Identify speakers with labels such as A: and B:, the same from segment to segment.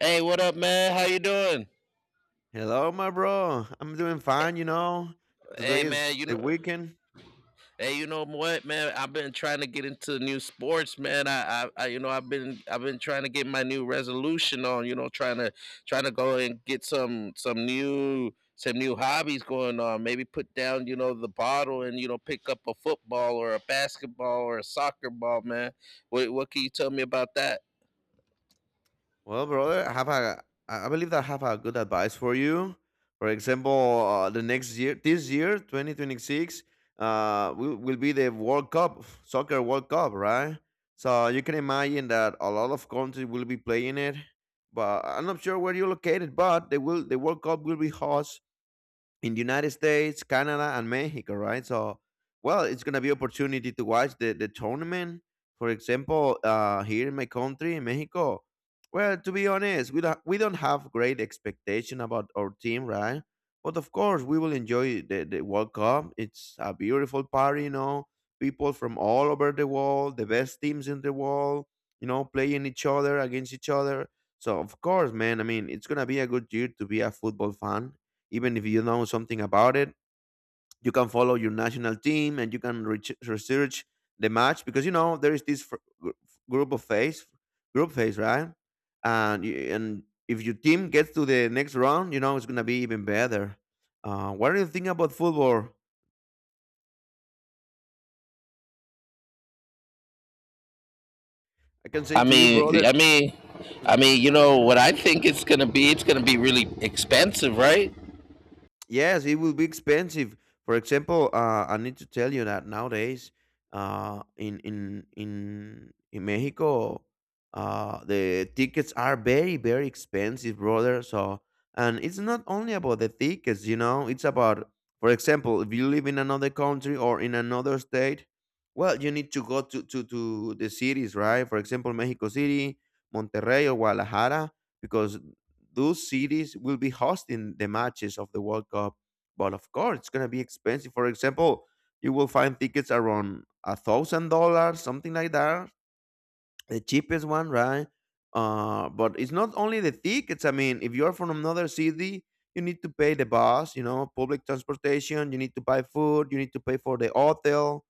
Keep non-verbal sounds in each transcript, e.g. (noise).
A: Hey, what up, man? How you doing?
B: Hello, my bro. I'm doing fine, you know. Today
A: Hey,
B: is
A: man,
B: the weekend.
A: hey, you know what, man? I've been trying to get into new sports, man. I I've been trying to get my new resolution on. Trying to go and get some new hobbies going on. Maybe put down, the bottle and pick up a football or a basketball or a soccer ball, man. What can you tell me about that?
B: Well, brother, I believe that I have a good advice for you. For example, the next year, this year, 2026, will be the World Cup, (sighs) soccer World Cup, right? So you can imagine that a lot of countries will be playing it, but I'm not sure where you're located. But the World Cup will be host in the United States, Canada, and Mexico, right? So, well, it's gonna be opportunity to watch the tournament. For example, here in my country, in Mexico. Well, to be honest, we don't have great expectation about our team, right? But of course, we will enjoy the World Cup. It's a beautiful party, you know. People from all over the world, the best teams in the world, you know, playing each other against each other. So of course, man, I mean, it's gonna be a good year to be a football fan even if you know something about it. You can follow your national team and you can research the match, because you know there is this group of phase group phase, right? And if your team gets to the next round, you know it's going to be even better. What do you think about football? I can say
A: I
B: to you, brother.
A: mean,
B: Mm-hmm.
A: you know what I think it's gonna be? It's gonna be really expensive, right?
B: Yes, it will be expensive. For example, I need to tell you that nowadays, in Mexico, the tickets are very very expensive, brother. So, and it's not only about the tickets, you know. It's about, for example, if you live in another country or in another state, well, you need to go to the cities, right? For example, Mexico City, Monterrey, or Guadalajara, because those cities will be hosting the matches of the World Cup. But of course, it's gonna be expensive. For example, you will find tickets around $1,000, something like that, the cheapest one, right? But it's not only the tickets. I mean, if you are from another city, you need to pay the bus, you know, public transportation. You need to buy food. You need to pay for the hotel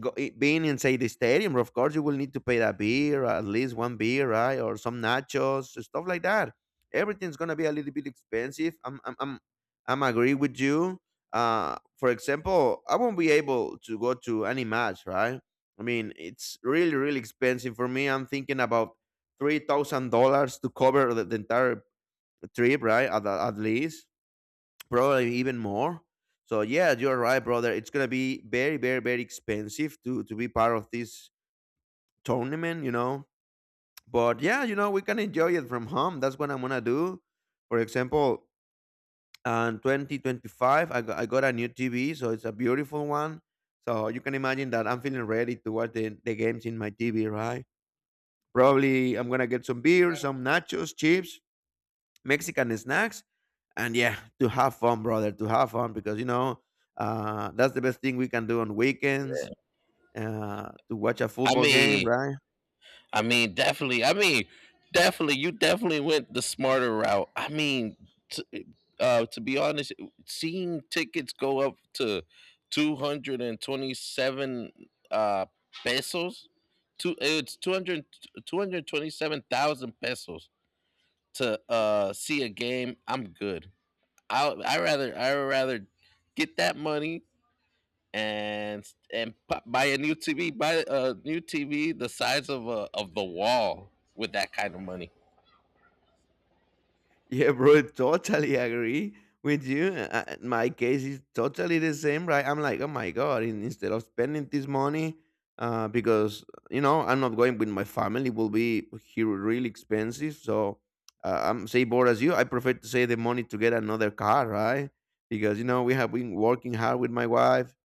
B: being inside the stadium. Of course, you will need to pay that beer, at least one beer, right, or some nachos, stuff like that. Everything's gonna be a little bit expensive. I'm agree with you. For example, I won't be able to go to any match, right? I mean, it's really, really expensive for me. I'm thinking about $3,000 to cover the entire trip, right? At least probably even more. So yeah, you're right, brother. It's gonna be very, very, very expensive to be part of this tournament, you know. But yeah, you know, we can enjoy it from home. That's what I'm gonna do. For example, in 2025, I got a new TV, so it's a beautiful one. So you can imagine that I'm feeling ready to watch the games in my TV, right? Probably I'm gonna get some beer, some nachos, chips, Mexican snacks, and yeah, to have fun, brother, to have fun, because you know that's the best thing we can do on weekends, to watch a
A: I
B: football game,
A: mean,
B: right?
A: definitely. You definitely went the smarter route. I mean, t- to be honest, seeing tickets go up to 227 uh, pesos, 200 227,000 pesos to see a game. I'm good. I rather get that money and buy a new TV, the size of the wall with that kind of money.
B: Yeah, bro, totally agree with you. My case is totally the same, right? I'm like, oh my god! Instead of spending this money, because you know I'm not going with my family, will be here really expensive. So I'm say bored as you. I prefer to save the money to get another car, right? Because you know we have been working hard with my wife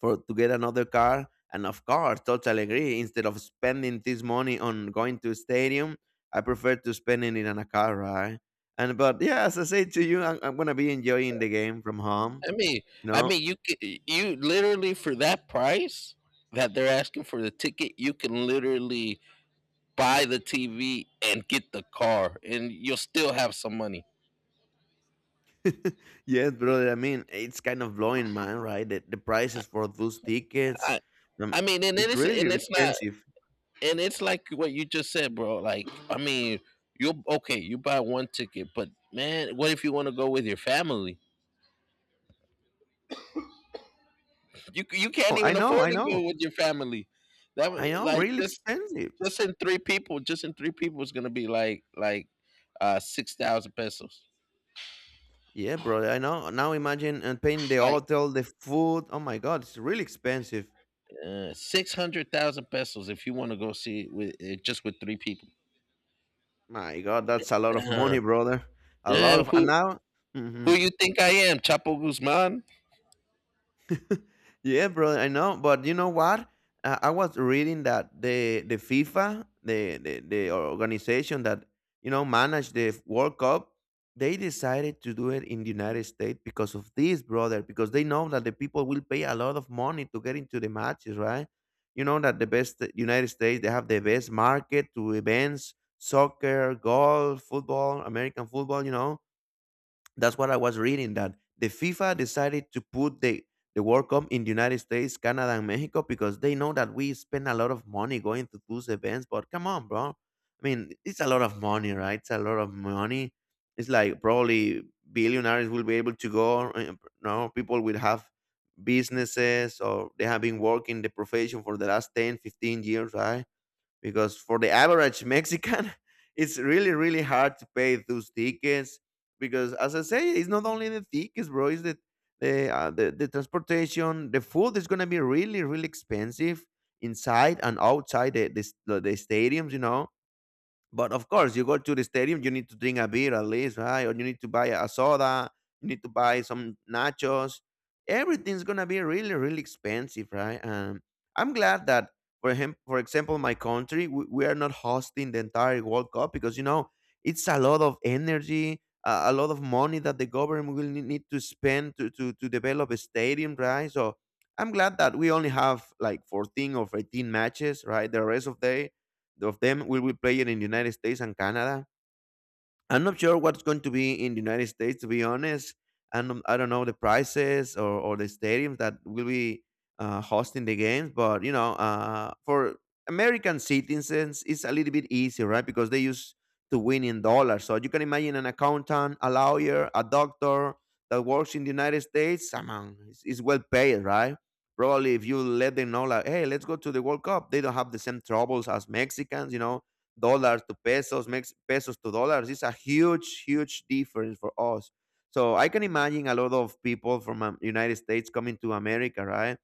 B: for to get another car. And of course, totally agree. Instead of spending this money on going to a stadium, I prefer to spend it in a car ride. And but yeah, as I said to you, I'm gonna be enjoying the game from home.
A: I mean,
B: You know.
A: you literally, for that price that they're asking for the ticket, you can literally buy the TV and get the car, and you'll still have some money.
B: (laughs) Yes, brother. I mean, it's kind of blowing, man. Right? The prices for those tickets,
A: I
B: um,
A: I mean,
B: it's really
A: and it's not,
B: expensive.
A: and it's like what you just said, bro. Like, I mean, you okay? You buy one ticket, but man, what if you want to go with your family? You
B: Oh,
A: can't
B: I
A: even
B: know. I
A: afford to
B: know.
A: go with your family.
B: I know.
A: Like
B: Really expensive.
A: just in three people is gonna be like 6,000 pesos,
B: Yeah, brother. I know. Now imagine and paying the
A: like
B: hotel, the food. Oh my God, it's really expensive.
A: 600,000 pesos if you want to go see it with just with three people.
B: My God, that's a lot of
A: Uh,
B: money, brother. A
A: yeah,
B: lot of, and
A: who
B: now,
A: who
B: mhm.
A: you think I am, Chapo Guzman?
B: (laughs) Yeah, brother. I know, but you know what? I was reading that the FIFA, the organization that you know managed the World Cup, they decided to do it in the United States because of this, brother. Because they know that the people will pay a lot of money to get into the matches, right? You know that the best United States, they have the best market to events, soccer, golf, football, American football. You know, that's what I was reading, that the FIFA decided to put the World Cup in the United States, Canada, and Mexico, because they know that we spend a lot of money going to those events. But come on, bro. I mean, it's a lot of money, right? It's a lot of money. It's like probably billionaires will be able to go. No, people will have businesses, or they have been working the profession for the last 10, 15 years, right? Because for the average Mexican, (laughs) it's really really hard to pay those tickets, because as I say, it's not only the tickets, bro. It's the transportation, the food is gonna be really really expensive inside and outside the, s- the stadiums. You know, but of course, you go to the stadium, you need to drink a beer at least, right? Or you need to buy a soda, you need to buy some nachos. Everything's gonna be really, really expensive, right? I'm glad that, for him, for example, my country, we are not hosting the entire World Cup, because you know it's a lot of energy, a lot of money that the government need to spend to develop a stadium, right? So I'm glad that we only have like 14 or 18 matches, right? The rest of the of them will be playing in the United States and Canada. I'm not sure what's going to be in the United States, to be honest. And I don't know the prices, or the stadiums that will be hosting the games. But, you know, for American citizens, it's a little bit easier, right? Because they use to win in dollars. So you can imagine an accountant, a lawyer, a doctor that works in the United States, I mean, it's well paid, right? Probably if you let them know, like, hey, let's go to the World Cup, they don't have the same troubles as Mexicans, you know, dollar to pesos, makes pesos to dollars. It's a huge, huge difference for us. So I can imagine a lot of people from United States coming to America, right?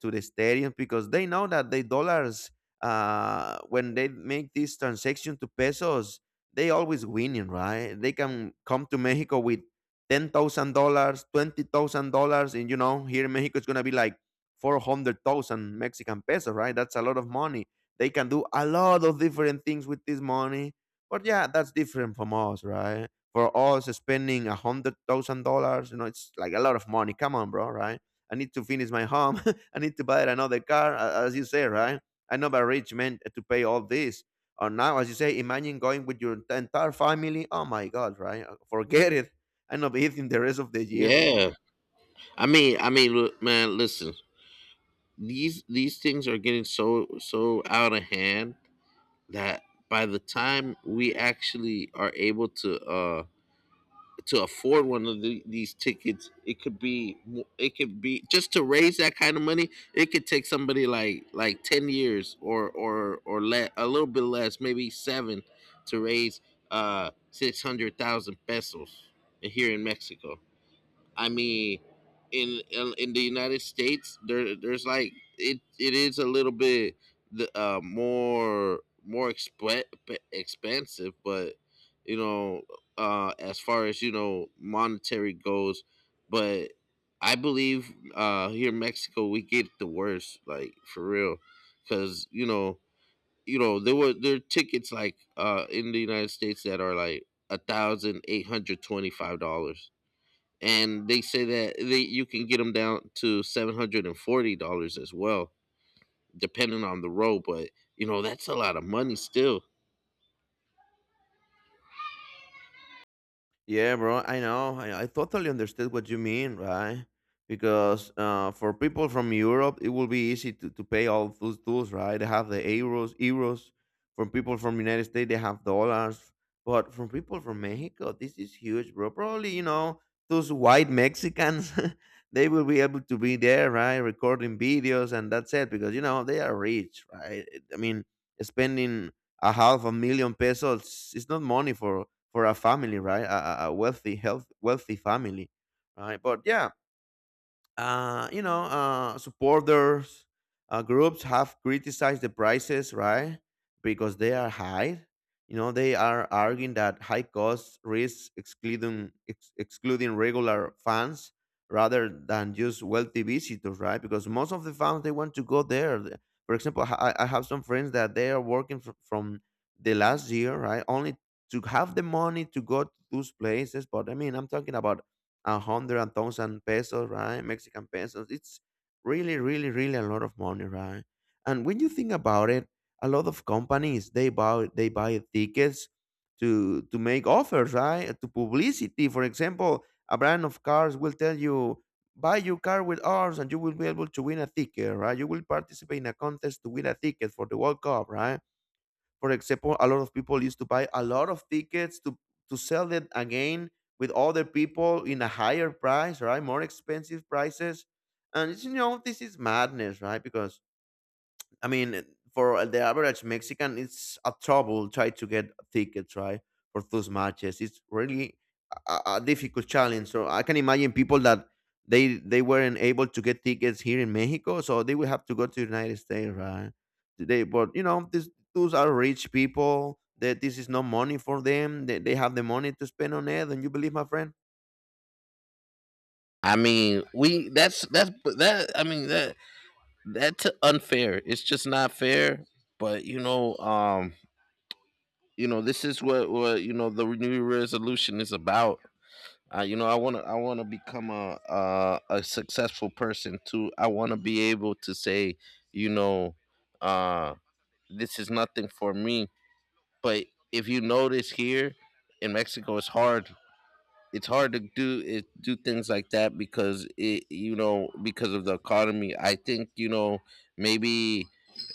B: To the stadium, because they know that the dollars when they make this transaction to pesos, they always winning, right? They can come to Mexico with $10,000, $20,000, and you know here in Mexico it's gonna be like 400,000 Mexican pesos, right? That's a lot of money. They can do a lot of different things with this money, but yeah, that's different from us, right? For us spending $100,000, you know, it's like a lot of money. Come on, bro, right? I need to finish my home. I need to buy another car, as you say, right? I'm not a rich man to pay all this. Or now, as you say, imagine going with your entire family. Oh my God, right? Forget it. I'm not eating the rest of the year.
A: Yeah, I mean, look, man, listen. These things are getting so out of hand that by the time we actually are able to afford these tickets. It it could be just to raise that kind of money. It could take somebody like 10 years, or let, a little bit less, maybe 7, to raise 600,000 pesos here in Mexico. I mean, in the United States, there's, like, it is a little bit the more expensive, but, you know, as far as you know, monetary goes. But I believe, here in Mexico we get the worst, like, for real, because there are tickets, like, in the United States, that are like $1,825, and they say that they you can get them down to $740 as well, depending on the road. But you know that's a lot of money still.
B: Yeah, bro. I know. I totally understood what you mean, right? Because for people from Europe, it will be easy to pay all those tools, right? They have euros. From people from United States, they have dollars. But from people from Mexico, this is huge, bro. Probably, you know, those white Mexicans, (laughs) they will be able to be there, right? Recording videos, and that's it. Because you know they are rich, right? I mean, spending a half a million pesos is not money for a family, right? A wealthy, wealthy family, right? But yeah, supporters groups have criticized the prices, right? Because they are high. You know, they are arguing that high costs risk excluding regular fans rather than just wealthy visitors, right? Because most of the fans they want to go there. For example, I have some friends that they are working from the last year, right? Only to have the money to go to those places. But I mean, I'm talking about a hundred and thousand pesos, right? Mexican pesos. It's really, really, really a lot of money, right? And when you think about it, a lot of companies they buy tickets to make offers, right? To publicity. For example, a brand of cars will tell you buy your car with ours and you will be able to win a ticket, right? You will participate in a contest to win a ticket for the World Cup, right? For example, a lot of people used to buy a lot of tickets to sell it again with other people in a higher price, right? More expensive prices. And it's this is madness, right? Because I mean, for the average Mexican, it's a trouble try to get tickets, right, for those matches. It's really a difficult challenge. So I can imagine people that they weren't able to get tickets here in Mexico, so they will have to go to the United States, right? They, but you know, these those are rich people. That this is no money for them. They have the money to spend on it. And you believe, my friend?
A: I mean, we that's that I mean that that's unfair. It's just not fair. But, this is what the new resolution is about. I want to become a successful person too. I want to be able to say, you know, uh, this is nothing for me. But if you notice here in Mexico, it's hard. It's hard to do it, do things like that, because it you know because of the economy. I think, maybe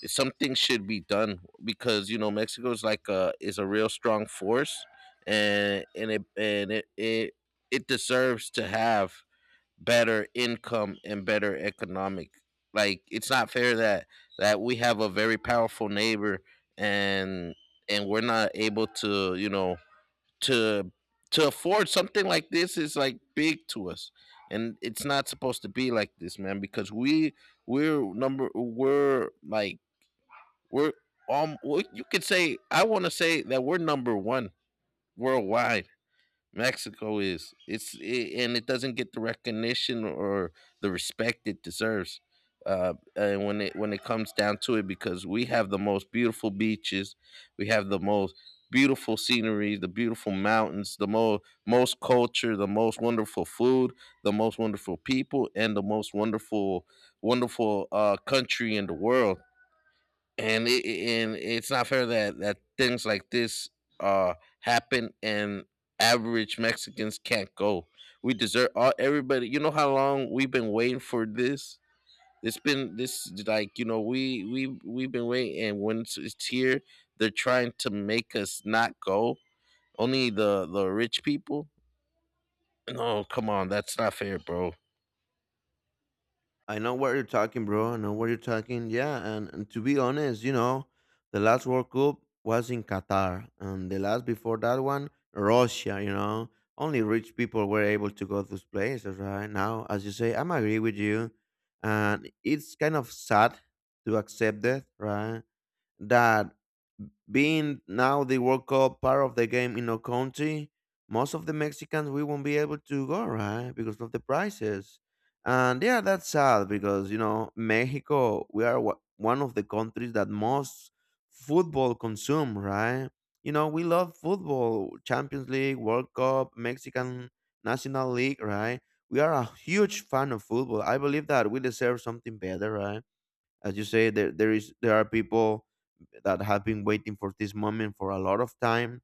A: something should be done, because Mexico is like a is a real strong force, and it deserves to have better income and better economic, like, it's not fair that we have a very powerful neighbor, and we're not able to to to afford something. Like, this is like big to us, and it's not supposed to be like this, man, because we're number, we're like, we're, well, you could say I want to say that we're number one worldwide. Mexico is. And it doesn't get the recognition or the respect it deserves. And when it comes down to it, because we have the most beautiful beaches, we have the most beautiful scenery, the beautiful mountains, the most culture, the most wonderful food, the most wonderful people, and the most wonderful, country in the world. And and it's not fair that things like this, uh happen, and average Mexicans can't go. We deserve all everybody. You know how long we've been waiting for this. It's been this like you know we've been waiting, and when it's here, they're trying to make us not go. Only the rich people. No, come on, that's not fair, bro.
B: I know what you're talking, bro. I know what you're talking. Yeah, and to be honest, you know, the last World Cup was in Qatar, and the last before that one, Russia. You know, only rich people were able to go to those places, right? Now, as you say, I'm agree with you, and it's kind of sad to accept that, right? That being now the World Cup part of the game in our country, most of the Mexicans we won't be able to go, right? Because of the prices. And yeah, that's sad because, you know, Mexico, we are one of the countries that most football consume, right? You know, we love football, Champions League, World Cup, Mexican National League, right? We are a huge fan of football. I believe that we deserve something better, right? As you say, there are people that have been waiting for this moment for a lot of time.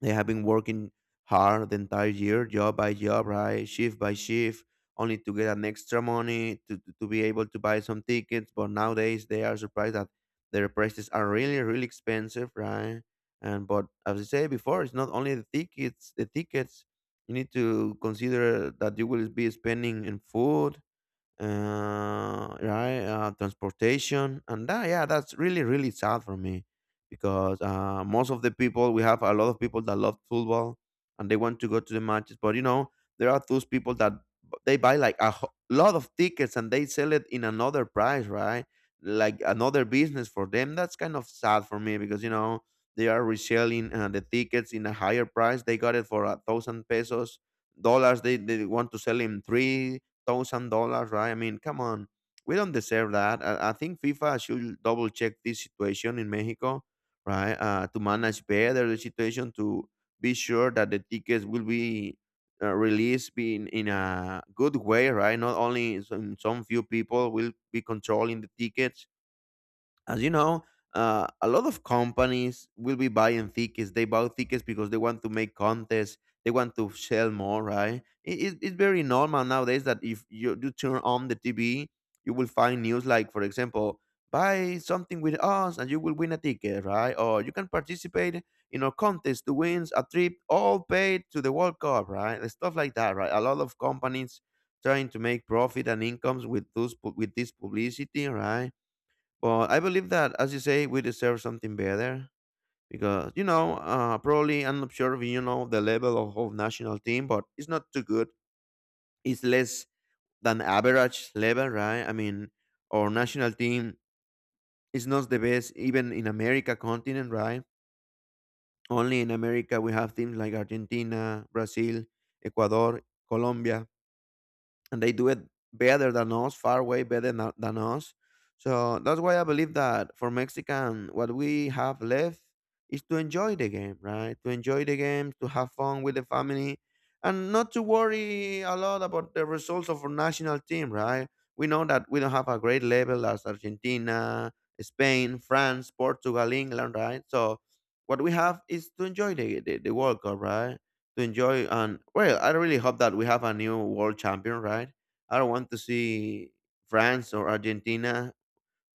B: They have been working hard the entire year, job by job, right, shift by shift, only to get an extra money to be able to buy some tickets. But nowadays they are surprised that their prices are really, really expensive, right? And but as I said before, it's not only the tickets. You need to consider that you will be spending in food, right? Transportation, and that, yeah, that's really really sad for me because most of the people, we have a lot of people that love football and they want to go to the matches, but you know there are those people that they buy like a lot of tickets and they sell it in another price, right? Like another business for them. That's kind of sad for me because you know they are reselling the tickets in a higher price. They got it for 1,000 pesos dollars. They want to sell in $3,000, right? I mean, come on, we don't deserve that. I think FIFA should double check this situation in Mexico, right? To manage better the situation, to be sure that the tickets will be released in a good way, right? Not only some few people will be controlling the tickets, as you know, a lot of companies will be buying tickets. They buy tickets because they want to make contests. They want to sell more, right? It, it's very normal nowadays that if you do turn on the TV, you will find news like, for example, buy something with us and you will win a ticket, right? Or you can participate in a contest to win a trip all paid to the World Cup, right? And stuff like that, right? A lot of companies trying to make profit and incomes with those with this publicity, right? But I believe that, as you say, we deserve something better because you know, probably I'm not sure if you know the level of national team, but it's not too good. It's less than average level, right? I mean, our national team is not the best even in America continent, right? Only in America we have teams like Argentina, Brazil, Ecuador, Colombia, and they do it better than us, far way better than us. So that's why I believe that for Mexican, what we have left is to enjoy the game, right? To enjoy the game, to have fun with the family, and not to worry a lot about the results of our national team, right? We know that we don't have a great level as Argentina, Spain, France, Portugal, England, right? So what we have is to enjoy the World Cup, right? To enjoy. And well, I really hope that we have a new world champion, right? I don't want to see France or Argentina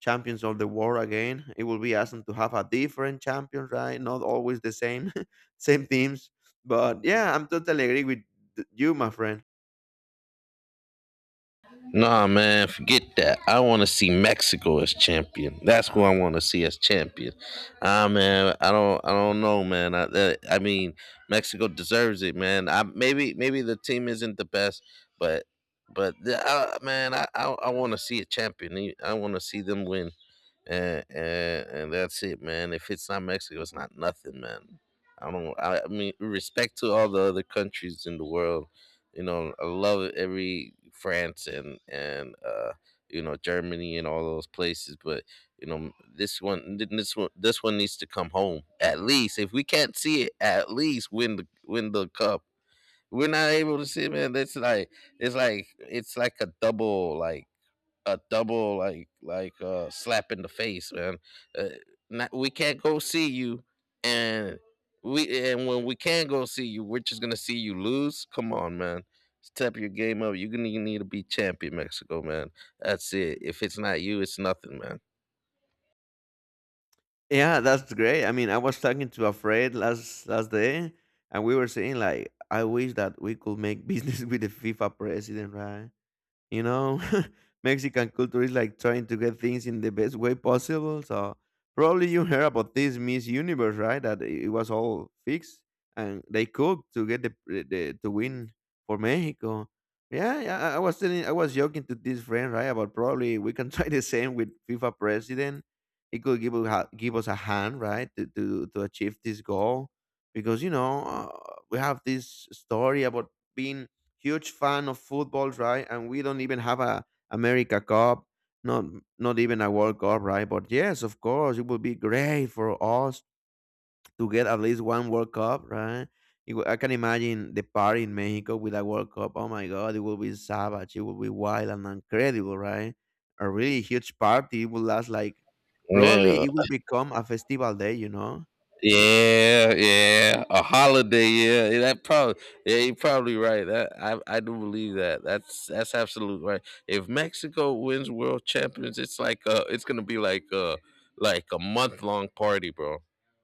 B: champions of the world again. It will be awesome to have a different champion, right? Not always the same, (laughs) same teams. But yeah, I'm totally agree with you, my friend.
A: Nah, man, forget that. I want to see Mexico as champion. That's who I want to see as champion. Ah, man, I don't know, man. I mean, Mexico deserves it, man. I maybe, maybe the team isn't the best, but, the, man, I want to see a champion. I want to see them win, and that's it, man. If it's not Mexico, it's not nothing, man. I don't. I mean, respect to all the other countries in the world. You know, I love every France and Germany and all those places, but this one needs to come home, at least. If we can't see it, at least win the cup. We're not able to see it, man. That's like a double, slap in the face, man uh, Not, we can't go see you, and we and when we can go see you, we're just gonna see you lose. Come on, man, step your game up. You need to be champion, Mexico, man. That's it. If it's not you, it's nothing, man.
B: Yeah, that's great. I mean, I was talking to a friend last last day, and we were saying like, I wish that we could make business (laughs) with the FIFA president, right? You know, (laughs) Mexican culture is like trying to get things in the best way possible. So probably you heard about this Miss Universe, right? That it was all fixed and they cooked to get the to win for Mexico. Yeah, yeah. I was telling, I was joking to this friend, right? About probably we can (laughs) try the same with FIFA president. He could give us give us a hand, right, to to achieve this goal because you know we have this story about being huge fan of football, right? And we don't even have a America Cup, not not even a World Cup, right? But yes, of course, it would be great for us to get at least one World Cup, right? It I can imagine the party in Mexico with a World Cup. Oh my God, it will be savage. It will be wild and incredible, right? A really huge party. It will last like probably
A: Yeah.
B: it will become a festival day, you know?
A: Yeah, yeah, a holiday. Yeah, yeah, that probably. Yeah, you're probably right. That I do believe that. That's absolute right. If Mexico wins World Champions, it's like, it's gonna be like, a month long party, bro.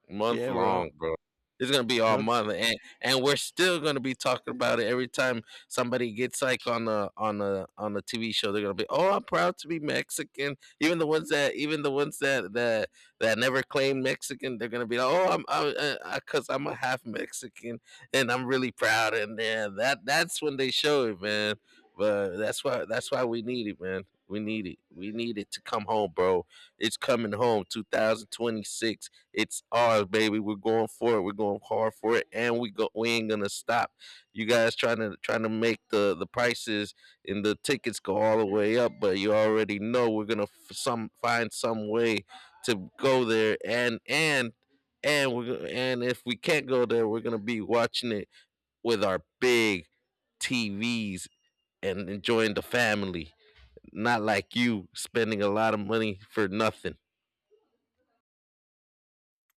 A: Month
B: Yeah, bro.
A: long, bro. It's gonna be all
B: Not
A: month, and we're still gonna be talking about it every time somebody gets, like, on a TV show. They're gonna be, oh, I'm proud to be Mexican. Even the ones that never claim Mexican, they're gonna be like, oh, I'm, because I'm a half Mexican, and I'm really proud. And then that's when they show it, man. But that's why we need it, man. We need it. We need it to come home, bro. It's coming home. 2026. It's ours, baby. We're going for it. We're going hard for it, and we go. We ain't gonna stop. You guys trying to make the prices and the tickets go all the way up, but you already know we're gonna f- some find some way to go there, and we are and if we can't go there, we're gonna be watching it with our big TVs and enjoying the family, not like you spending a lot of money for nothing.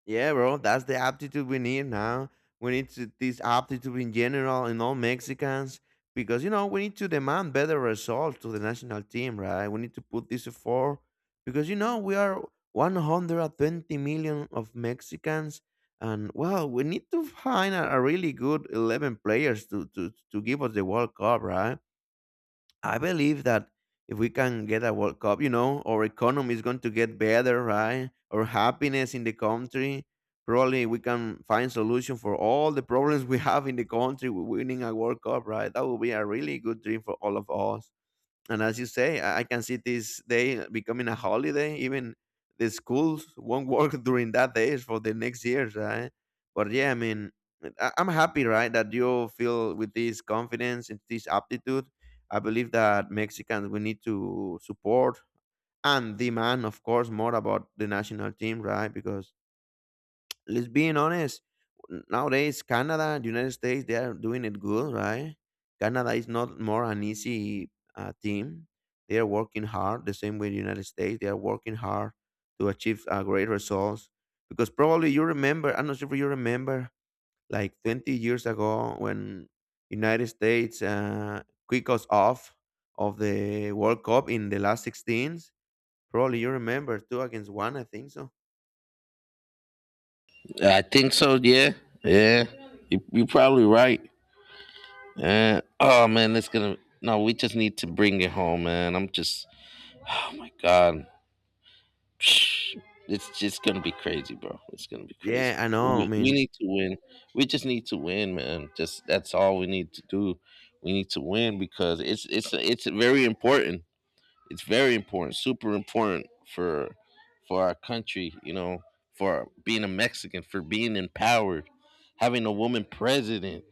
B: yeah, bro, that's the aptitude we need now. We need to, this aptitude in general in all Mexicans because you know we need to demand better results to the national team, right? We need to put this effort because you know we are 120 million of Mexicans, and well, we need to find a really good 11 players to, to give us the World Cup, right? I believe that if we can get a World Cup, you know, our economy is going to get better, right? Our happiness in the country. Probably we can find solution for all the problems we have in the country with winning a World Cup, right? That would be a really good dream for all of us. And as you say, I can see this day becoming a holiday. Even the schools won't work (laughs) during that days for the next years, right? But yeah, I mean, I'm happy, right, that you feel with this confidence and this aptitude. I believe that Mexicans we need to support and demand, of course, more about the national team, right? Because let's being honest, nowadays Canada, the United States, they are doing it good, right? Canada is not more an easy team. They are working hard. The same way the United States, they are working hard to achieve great results because probably you remember, I'm not sure if you remember, like 20 years ago when United States kicked us off of the World Cup in the last 16s. Probably you remember, two against one, I think so.
A: I think so. Yeah. Yeah, you're probably right. And oh man, it's gonna. No, we just need to bring it home, man. I'm just. Oh my god, (sighs) it's just gonna be crazy, bro. It's gonna be crazy.
B: Yeah, I know, I
A: We
B: mean,
A: need to win. We just need to win, man. Just that's all we need to do. We need to win because it's very important. It's very important, super important, for our country. You know, for being a Mexican, for being empowered, having a woman president,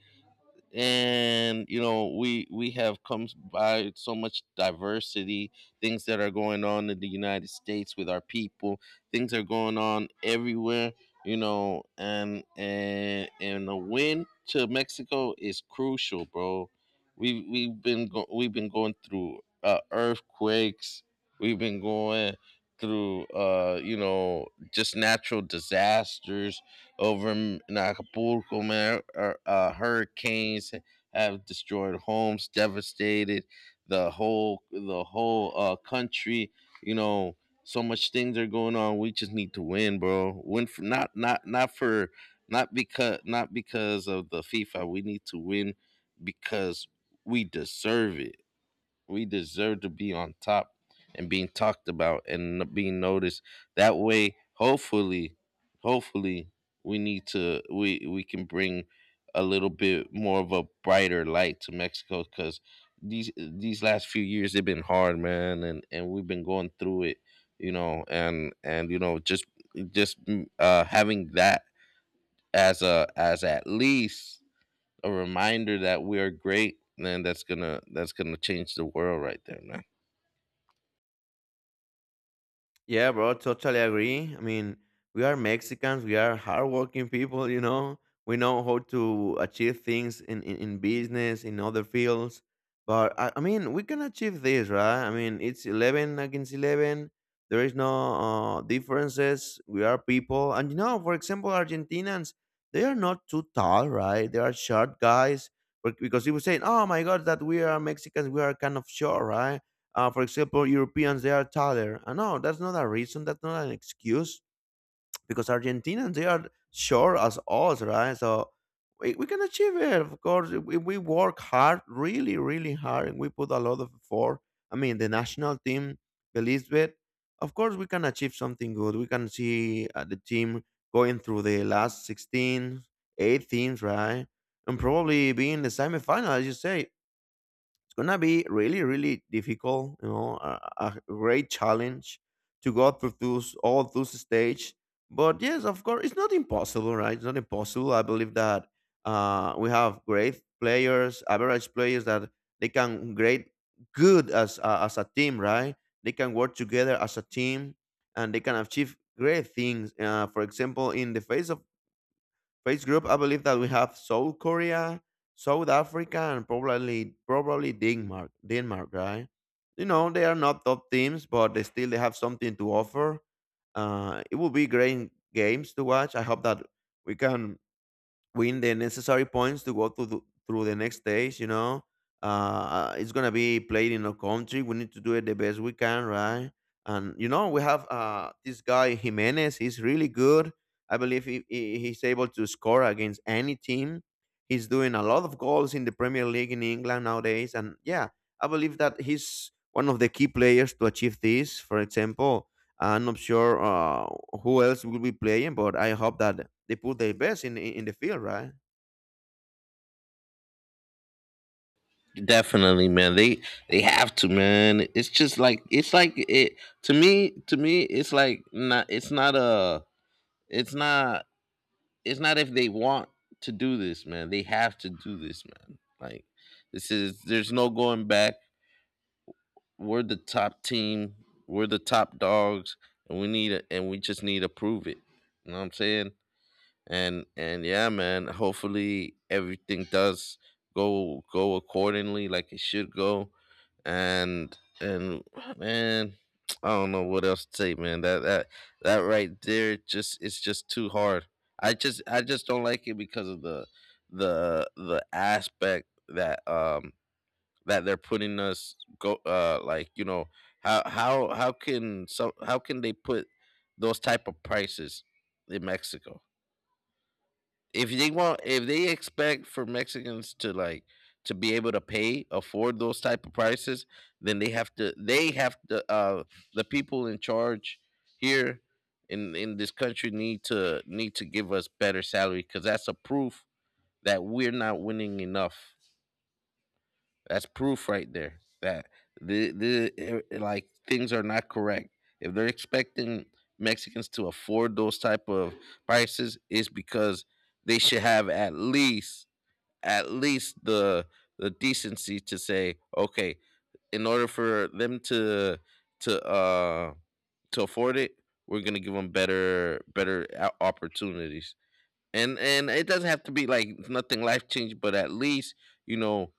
A: and we have come by so much diversity. Things that are going on in the United States with our people. Things are going on everywhere, and a win to Mexico is crucial, bro. We've we've been going through, earthquakes. We've been going through, just natural disasters over in Acapulco, man, hurricanes have destroyed homes, devastated the whole, country. You know, so much things are going on. We just need to win, bro. Win for, not, not, not for, not because, not because of the FIFA. We need to win because we deserve it. We deserve to be on top, and being talked about and being noticed. That way, hopefully, hopefully, we need to we can bring a little bit more of a brighter light to Mexico, because these last few years they've been hard, man, and we've been going through it, you know, and just, having that as a as at least a reminder that we are great, man. That's gonna that's gonna change the world right there, man.
B: yeah, bro, totally agree. I mean, we are Mexicans, we are hardworking people, you know. We know how to achieve things in business, in other fields. But I mean, we can achieve this, right? I mean, it's 11 against 11. There is no differences. We are people. And, you know, for example, Argentinians, they are not too tall, right? They are short guys. Because people say, oh my God, that we are Mexicans, we are kind of short, right? For example, Europeans they are taller. No, that's not a reason. That's not an excuse because Argentinians they are short as us, right? So we can achieve it. Of course, if we work hard, really, really hard, and we put a lot of effort. I mean, the national team believes it. Of course, we can achieve something good. We can see the team going through the last 16, eight teams, right? And probably be in the semifinal, as you say, it's gonna be really, really difficult, you know, a great challenge to go through those all those stage. But yes, of course, it's not impossible, right? It's not impossible. I believe that we have great players, average players, that they can great good as a team, right? They can work together as a team, and they can achieve great things. For example, in the face of Face group, I believe that we have South Korea, South Africa, and probably Denmark. Denmark, right? You know, they are not top teams, but they still they have something to offer. It will be great games to watch. I hope that we can win the necessary points to go to the, through the next stage. You know, it's gonna be played in a country. We need to do it the best we can, right? And you know, we have this guy Jimenez. He's really good. I believe he's able to score against any team. He's doing a lot of goals in the Premier League in England nowadays, and yeah, I believe that he's one of the key players to achieve this. For example, I'm not sure who else will be playing, but I hope that they put their best in the field, right?
A: Definitely, man. They have to, man. It's just like, it's like, it, to me. To me, it's like not. It's not a. It's not. It's not if they want to do this, man. They have to do this, man. Like this is. There's no going back. We're the top team. We're the top dogs, and we need. And we just need to prove it. You know what I'm saying? And yeah, man, hopefully everything does go accordingly, like it should go. And man, (tsk) I don't know what else to say, man. That right there, just it's just too hard. I just don't like it, because of the aspect, that they're putting us, go like, you know, how can, they put those type of prices in Mexico. If they want, if they expect for Mexicans to, like, to be able to pay afford those type of prices, then they have to, the people in charge here, in this country, need to, give us better salary, cuz that's a proof that we're not winning enough. That's proof right there that like things are not correct. If they're expecting Mexicans to afford those type of prices, it's because they should have, at least, the decency to say, okay, in order for them to, to uh to afford it, we're gonna give them better, opportunities. And it doesn't have to be like nothing life changing, but at least, you know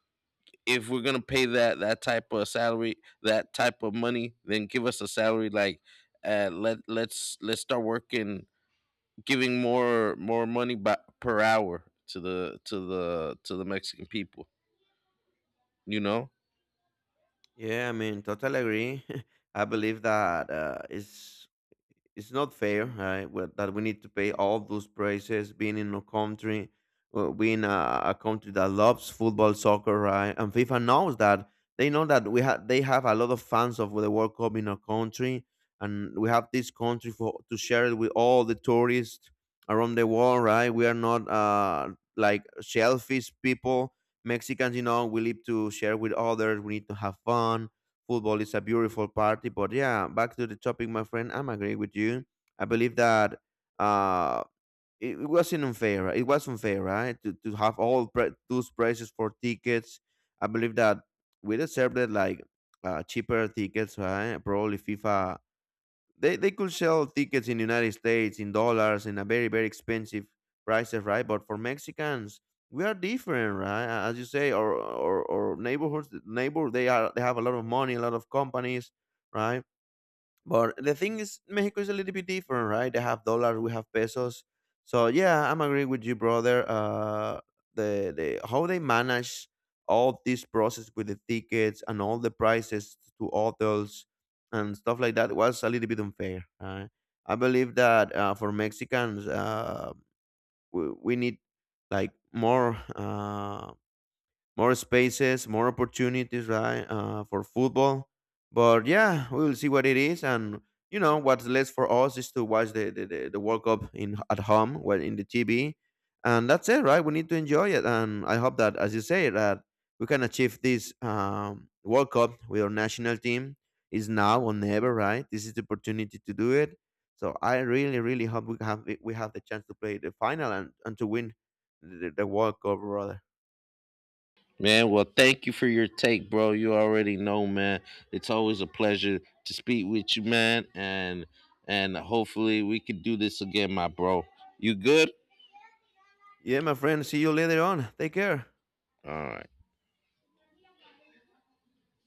A: if we're gonna pay that type of salary, that type of money, then give us a salary like, let's start working, giving more money per hour, to the to the to the Mexican people, you know?
B: Yeah, I mean, totally agree. (laughs) I believe that it's not fair, right? Well, that we need to pay all those prices, being in a country, being a country that loves football, soccer, right? And FIFA knows that. They know that we have they have a lot of fans of the World Cup in our country, and we have this country for to share it with all the tourists around the world, right? We are not like shellfish people. Mexicans, you know, we live to share with others. We need to have fun. Football is a beautiful party. But yeah, back to the topic, my friend. I'm agreeing with you. I believe that uh, it wasn't unfair, right? It was unfair, right? To have all those prices for tickets. I believe that we deserved it, like cheaper tickets, right? Probably FIFA they could sell tickets in the United States in dollars in a very, very expensive prices, right? But for Mexicans, we are different, right? As you say, or neighbor they are they have a lot of money, a lot of companies, right? But the thing is, Mexico is a little bit different, right? They have dollars, we have pesos. So yeah, I'm agree with you, brother. The how they manage all this process with the tickets and all the prices to hotels and stuff like that was a little bit unfair, right? I believe that for Mexicans, we need like more. More spaces, more opportunities, right, for football. But yeah, we will see what it is, and you know what's left for us is to watch the World Cup in at home, well, in the TV, and that's it, right? We need to enjoy it, and I hope that, as you say, that we can achieve this World Cup with our national team. Is now or never, right? This is the opportunity to do it. So I really, really hope we have the chance to play the final and to win the World Cup, brother.
A: Man, well, thank you for your take, bro. You already know, man. It's always a pleasure to speak with you, man, and hopefully we can do this again, my bro. You good?
B: Yeah, my friend. See you later on. Take care.
A: All right.